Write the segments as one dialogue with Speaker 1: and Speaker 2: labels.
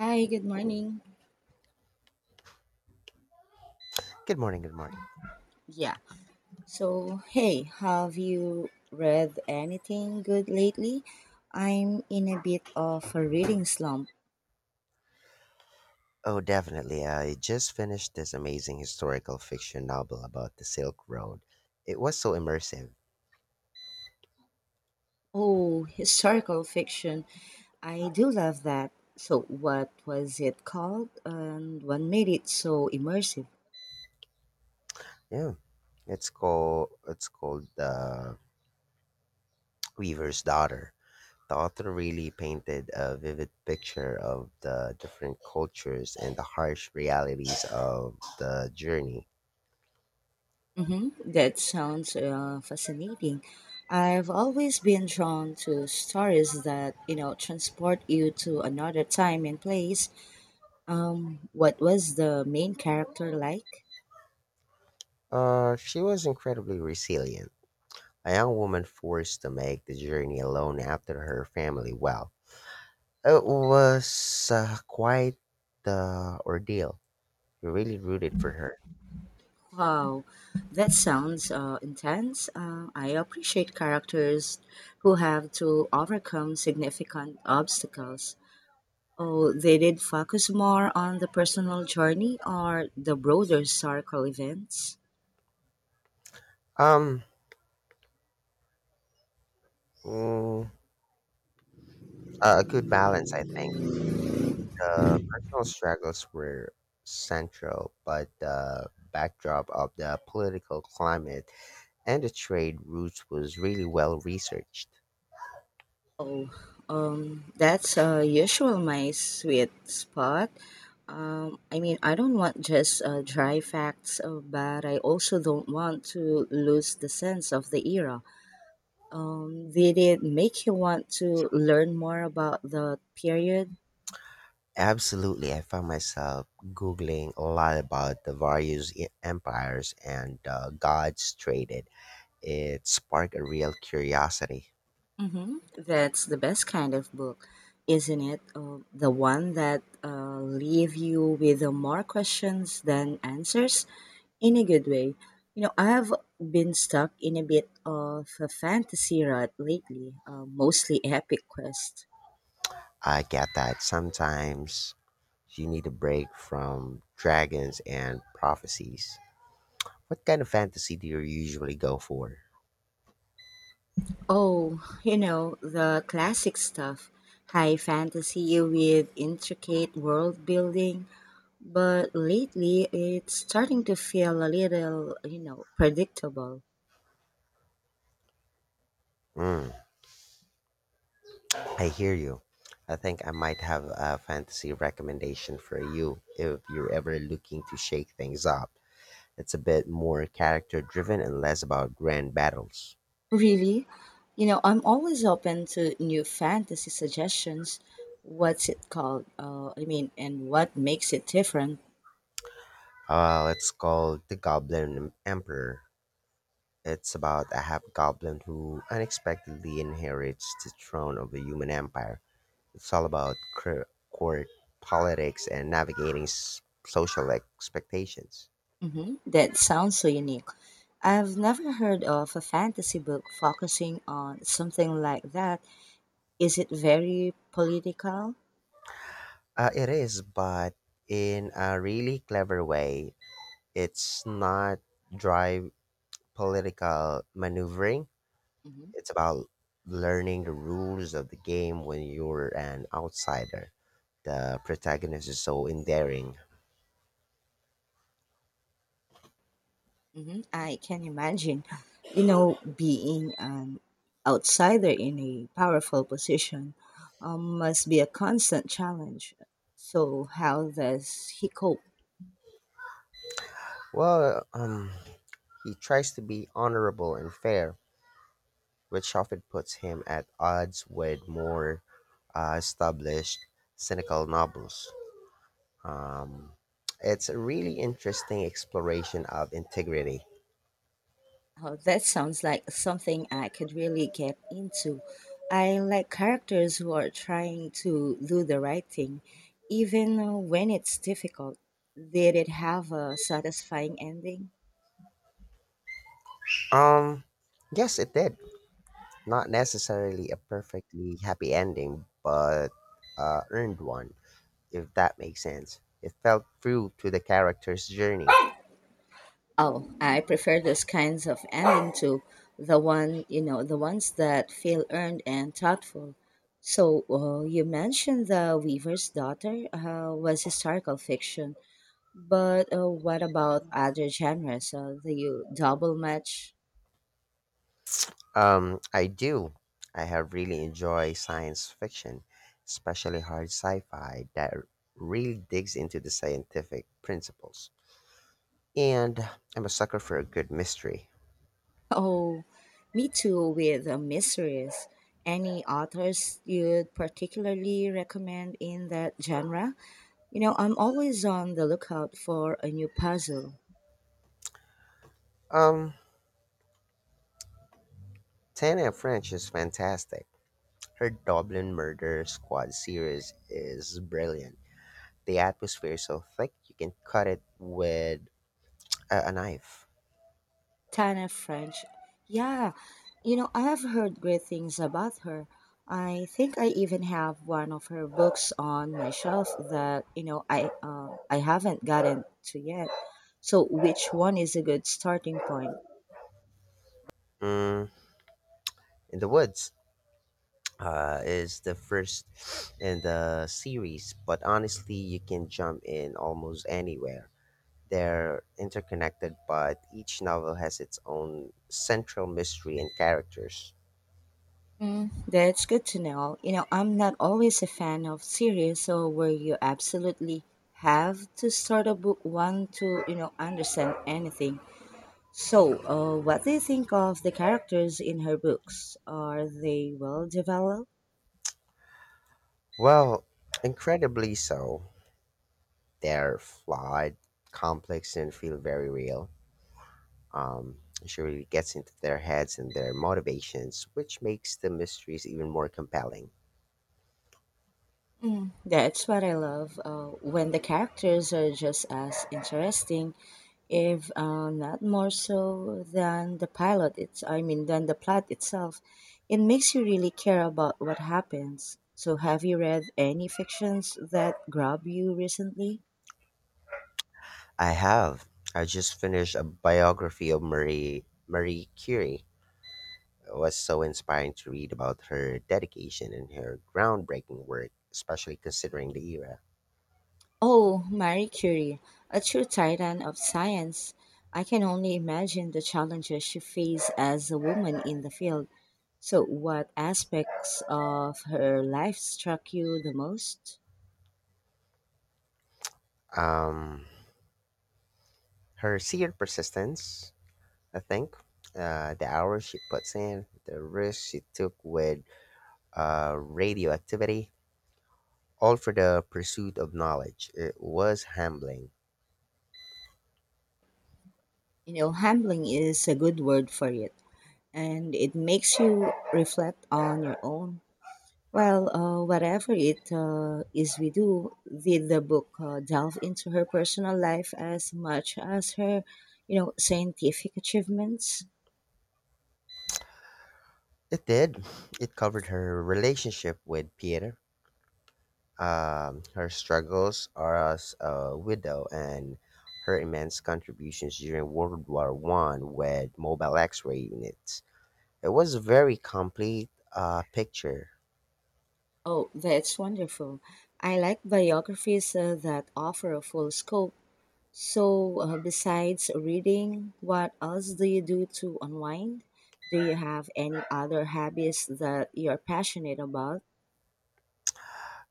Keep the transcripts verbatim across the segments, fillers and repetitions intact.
Speaker 1: Hi, good morning.
Speaker 2: Good morning, good morning.
Speaker 1: Yeah. So, hey, have you read anything good lately? I'm in a bit of a reading slump.
Speaker 2: Oh, definitely. I just finished this amazing historical fiction novel about the Silk Road. It was so immersive.
Speaker 1: Oh, historical fiction. I do love that. So, what was it called and what made it so immersive?
Speaker 2: Yeah, it's called it's called uh, Weaver's Daughter. The author really painted a vivid picture of the different cultures and the harsh realities of the journey.
Speaker 1: Mm-hmm. That sounds uh, fascinating. I've always been drawn to stories that, you know, transport you to another time and place. Um, what was the main character like?
Speaker 2: Uh, she was incredibly resilient, a young woman forced to make the journey alone after her family well. It was uh, quite the ordeal. We really rooted for her.
Speaker 1: Wow, that sounds uh, intense. Uh, I appreciate characters who have to overcome significant obstacles. Oh, they did focus more on the personal journey or the broader circle events.
Speaker 2: Um, mm, a good balance, I think. The personal struggles were central, but the backdrop of the political climate and the trade routes was really well researched.
Speaker 1: Oh, um, that's uh, usual my sweet spot. Um, I mean, I don't want just uh, dry facts, uh, but I also don't want to lose the sense of the era. Um, did it make you want to learn more about the period?
Speaker 2: Absolutely, I found myself googling a lot about the various e- empires and uh, gods traded. It sparked a real curiosity.
Speaker 1: hmm That's the best kind of book, isn't it? Uh, the one that uh, leave you with uh, more questions than answers in a good way. You know, I've been stuck in a bit of a fantasy rut lately, uh, mostly epic quest.
Speaker 2: I get that sometimes you need a break from dragons and prophecies. What kind of fantasy do you usually go for?
Speaker 1: Oh, you know, the classic stuff. High fantasy with intricate world building, but lately it's starting to feel a little, you know, predictable.
Speaker 2: Mm, I hear you. I think I might have a fantasy recommendation for you if you're ever looking to shake things up. It's a bit more character driven and less about grand battles.
Speaker 1: Really? You know, I'm always open to new fantasy suggestions. What's it called? Uh, I mean, and what makes it different?
Speaker 2: Uh, it's called The Goblin Emperor. It's about a hobgoblin who unexpectedly inherits the throne of a human empire. It's all about cor- court politics and navigating s- social expectations.
Speaker 1: hmm That sounds so unique. I've never heard of a fantasy book focusing on something like that. Is it very political?
Speaker 2: Uh, it is, but in a really clever way. It's not dry political maneuvering.
Speaker 1: Mm-hmm.
Speaker 2: It's about learning the rules of the game when you're an outsider. The protagonist is so endearing.
Speaker 1: hmm I can imagine, you know, being an outsider in a powerful position um, must be a constant challenge. So, how does he cope?
Speaker 2: Well, um, he tries to be honorable and fair, which often puts him at odds with more uh, established cynical novels. Um, it's a really interesting exploration of integrity.
Speaker 1: Oh, that sounds like something I could really get into. I like characters who are trying to do the right thing, even uh, when it's difficult. Did it have a satisfying ending?
Speaker 2: Um, yes, it did. Not necessarily a perfectly happy ending, but uh, earned one, if that makes sense. It felt true to the character's journey.
Speaker 1: Oh, I prefer those kinds of ending to the one, you know, the ones that feel earned and thoughtful. So, uh, you mentioned The Weaver's Daughter uh, was historical fiction, but uh, what about other genres? Uh, do you double match?
Speaker 2: Um, I do. I have really enjoyed science fiction, especially hard sci-fi that really digs into the scientific principles. And I'm a sucker for a good mystery.
Speaker 1: Oh, me too with uh, mysteries. Any authors you'd particularly recommend in that genre? You know, I'm always on the lookout for a new puzzle.
Speaker 2: Um, Tana French is fantastic. Her Dublin Murder Squad series is brilliant. The atmosphere is so thick you can cut it with a, a knife.
Speaker 1: Tana French. Yeah, you know, I have heard great things about her. I think I even have one of her books on my shelf that, you know, I uh, I haven't gotten to yet. So which one is a good starting point?
Speaker 2: Mm, in the woods uh, is the first in the series, but honestly, you can jump in almost anywhere. They're interconnected, but each novel has its own central mystery and characters.
Speaker 1: Mm, that's good to know. You know, I'm not always a fan of series so where you absolutely have to start a book one to, you know, understand anything. So, uh, what do you think of the characters in her books? Are they well developed?
Speaker 2: Well, incredibly so. They're flawed, complex, and feel very real. Um, she really gets into their heads and their motivations, which makes the mysteries even more compelling.
Speaker 1: Mm, that's what I love uh, when the characters are just as interesting, if uh, not more so than the pilot. It's I mean than the plot itself. It makes you really care about what happens. So, have you read any fictions that grab you recently?
Speaker 2: I have. I just finished a biography of Marie Marie Curie, was so inspiring to read about her dedication and her groundbreaking work, especially considering the era.
Speaker 1: Oh, Marie Curie, a true titan of science. I can only imagine the challenges she faced as a woman in the field. So, what aspects of her life struck you the most?
Speaker 2: Um, Her sheer persistence, I think, uh, the hours she puts in, the risks she took with uh, radioactivity, all for the pursuit of knowledge. It was humbling.
Speaker 1: You know, humbling is a good word for it, and it makes you reflect on your own. Well, uh, whatever it uh, is we do, did the book uh, delve into her personal life as much as her, you know, scientific achievements?
Speaker 2: It did. It covered her relationship with Peter. Um, her struggles are as a widow and her immense contributions during World War One with mobile X-ray units. It was a very complete uh, picture.
Speaker 1: Oh, that's wonderful. I like biographies uh, that offer a full scope. So, uh, besides reading, what else do you do to unwind? Do you have any other hobbies that you're passionate about?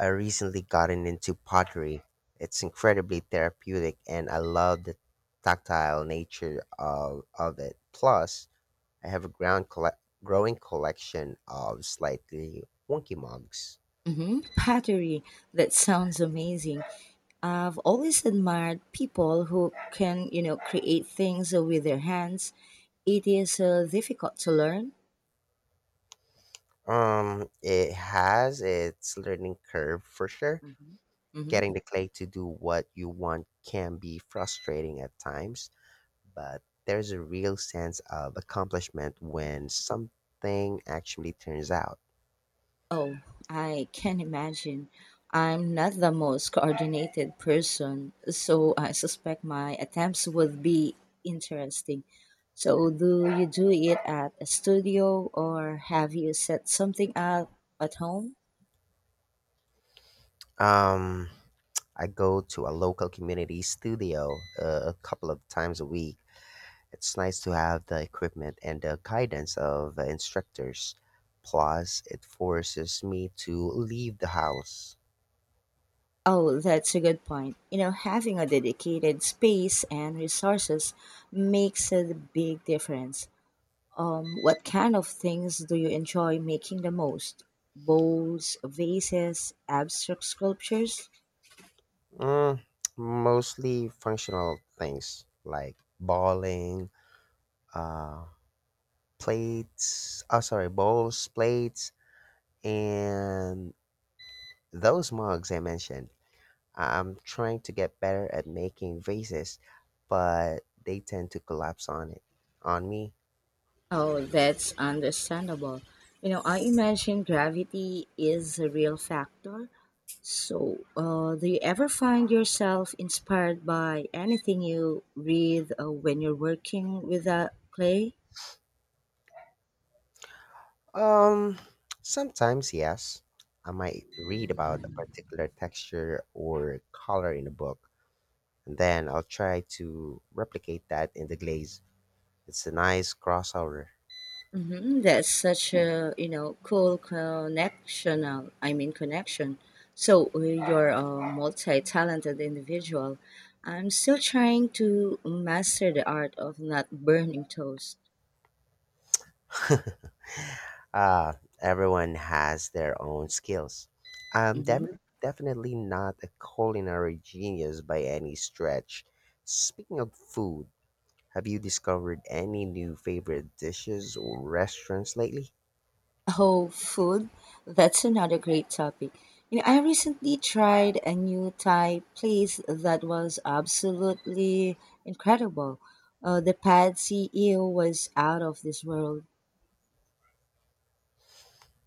Speaker 2: I recently gotten into pottery. It's incredibly therapeutic, and I love the tactile nature of of it. Plus, I have a ground colle- growing collection of slightly wonky mugs.
Speaker 1: hmm Pottery. That sounds amazing. I've always admired people who can, you know, create things with their hands. It is uh, difficult to learn.
Speaker 2: Um, it has its learning curve for sure.
Speaker 1: hmm
Speaker 2: Getting the clay to do what you want can be frustrating at times, but there's a real sense of accomplishment when something actually turns out.
Speaker 1: Oh, I can imagine. I'm not the most coordinated person, so I suspect my attempts would be interesting. So, do you do it at a studio or have you set something up at home?
Speaker 2: Um, I go to a local community studio uh, a couple of times a week. It's nice to have the equipment and the guidance of uh, instructors. Plus, it forces me to leave the house.
Speaker 1: Oh, that's a good point. You know, having a dedicated space and resources makes a big difference. Um, what kind of things do you enjoy making the most? Bowls, vases, abstract sculptures?
Speaker 2: Mm, Mostly functional things like balling, uh, plates, oh, sorry, bowls, plates, and those mugs I mentioned. I- I'm trying to get better at making vases, but they tend to collapse on it, on me.
Speaker 1: Oh, that's understandable. You know, I imagine gravity is a real factor. So, uh, do you ever find yourself inspired by anything you read uh, when you're working with a clay?
Speaker 2: Um, Sometimes, yes. I might read about a particular texture or color in a book, and then I'll try to replicate that in the glaze. It's a nice crossover.
Speaker 1: hmm That's such a you know cool connection. Uh, I mean connection. So uh, you're a multi-talented individual. I'm still trying to master the art of not burning toast.
Speaker 2: uh, Everyone has their own skills. I'm
Speaker 1: hmm
Speaker 2: dem- definitely not a culinary genius by any stretch. Speaking of food, have you discovered any new favorite dishes or restaurants lately?
Speaker 1: Oh, food. That's another great topic. You know, I recently tried a new Thai place that was absolutely incredible. Uh, the pad C E O was out of this world.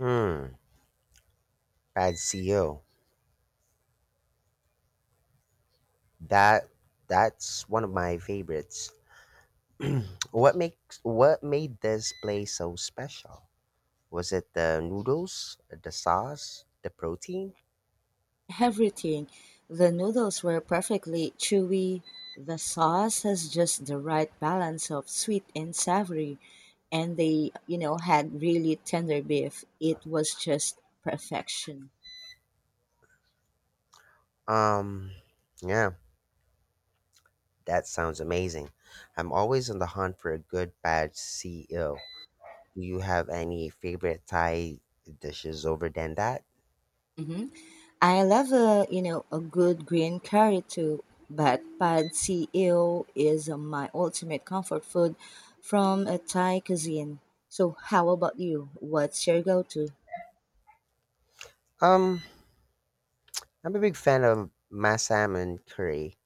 Speaker 2: Hmm, Pad C E O. That that's one of my favorites. What makes what made this place so special? Was it the noodles, the sauce, the protein?
Speaker 1: Everything. The noodles were perfectly chewy, the sauce has just the right balance of sweet and savory, and they, you know, had really tender beef. It was just perfection.
Speaker 2: Um, yeah, that sounds amazing. I'm always on the hunt for a good bad ceo. Do you have any favorite Thai dishes over than that?
Speaker 1: hmm I love a, you know, a good green curry too, but pad see ew is uh, my ultimate comfort food from a Thai cuisine. So how about you? What's your go-to?
Speaker 2: Um, I'm a big fan of my salmon curry.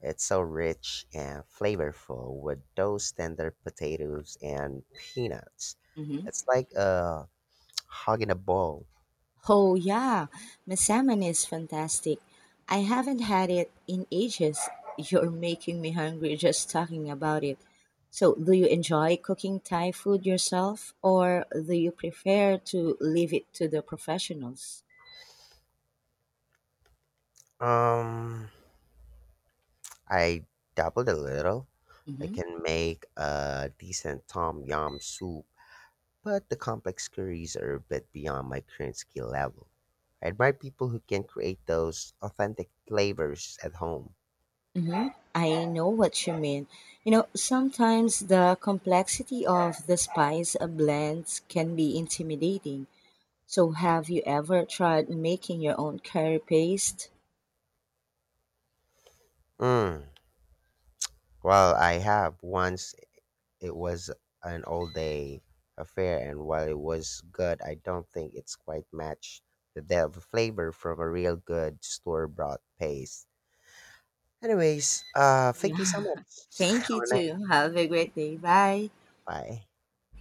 Speaker 2: It's so rich and flavorful with those tender potatoes and peanuts.
Speaker 1: hmm
Speaker 2: It's like a hog in a bowl.
Speaker 1: Oh yeah, Masaman is fantastic. I haven't had it in ages. You're making me hungry just talking about it. So, do you enjoy cooking Thai food yourself, or do you prefer to leave it to the professionals?
Speaker 2: Um, I dabbled a little. I
Speaker 1: hmm
Speaker 2: can make a decent tom yum soup, but the complex queries are a bit beyond my current skill level. I admire people who can create those authentic flavors at home.
Speaker 1: hmm I know what you mean. You know, sometimes the complexity of the spice blends can be intimidating. So, have you ever tried making your own curry paste?
Speaker 2: Mm. Well, I have. Once it was an all day affair, and while it was good, I don't think it's quite matched the depth of flavor from a real good store bought paste. Anyways, uh, thank you
Speaker 1: Yeah.
Speaker 2: so much.
Speaker 1: Thank
Speaker 2: Have
Speaker 1: you
Speaker 2: a nice
Speaker 1: too. Have a great day. Bye.
Speaker 2: bye.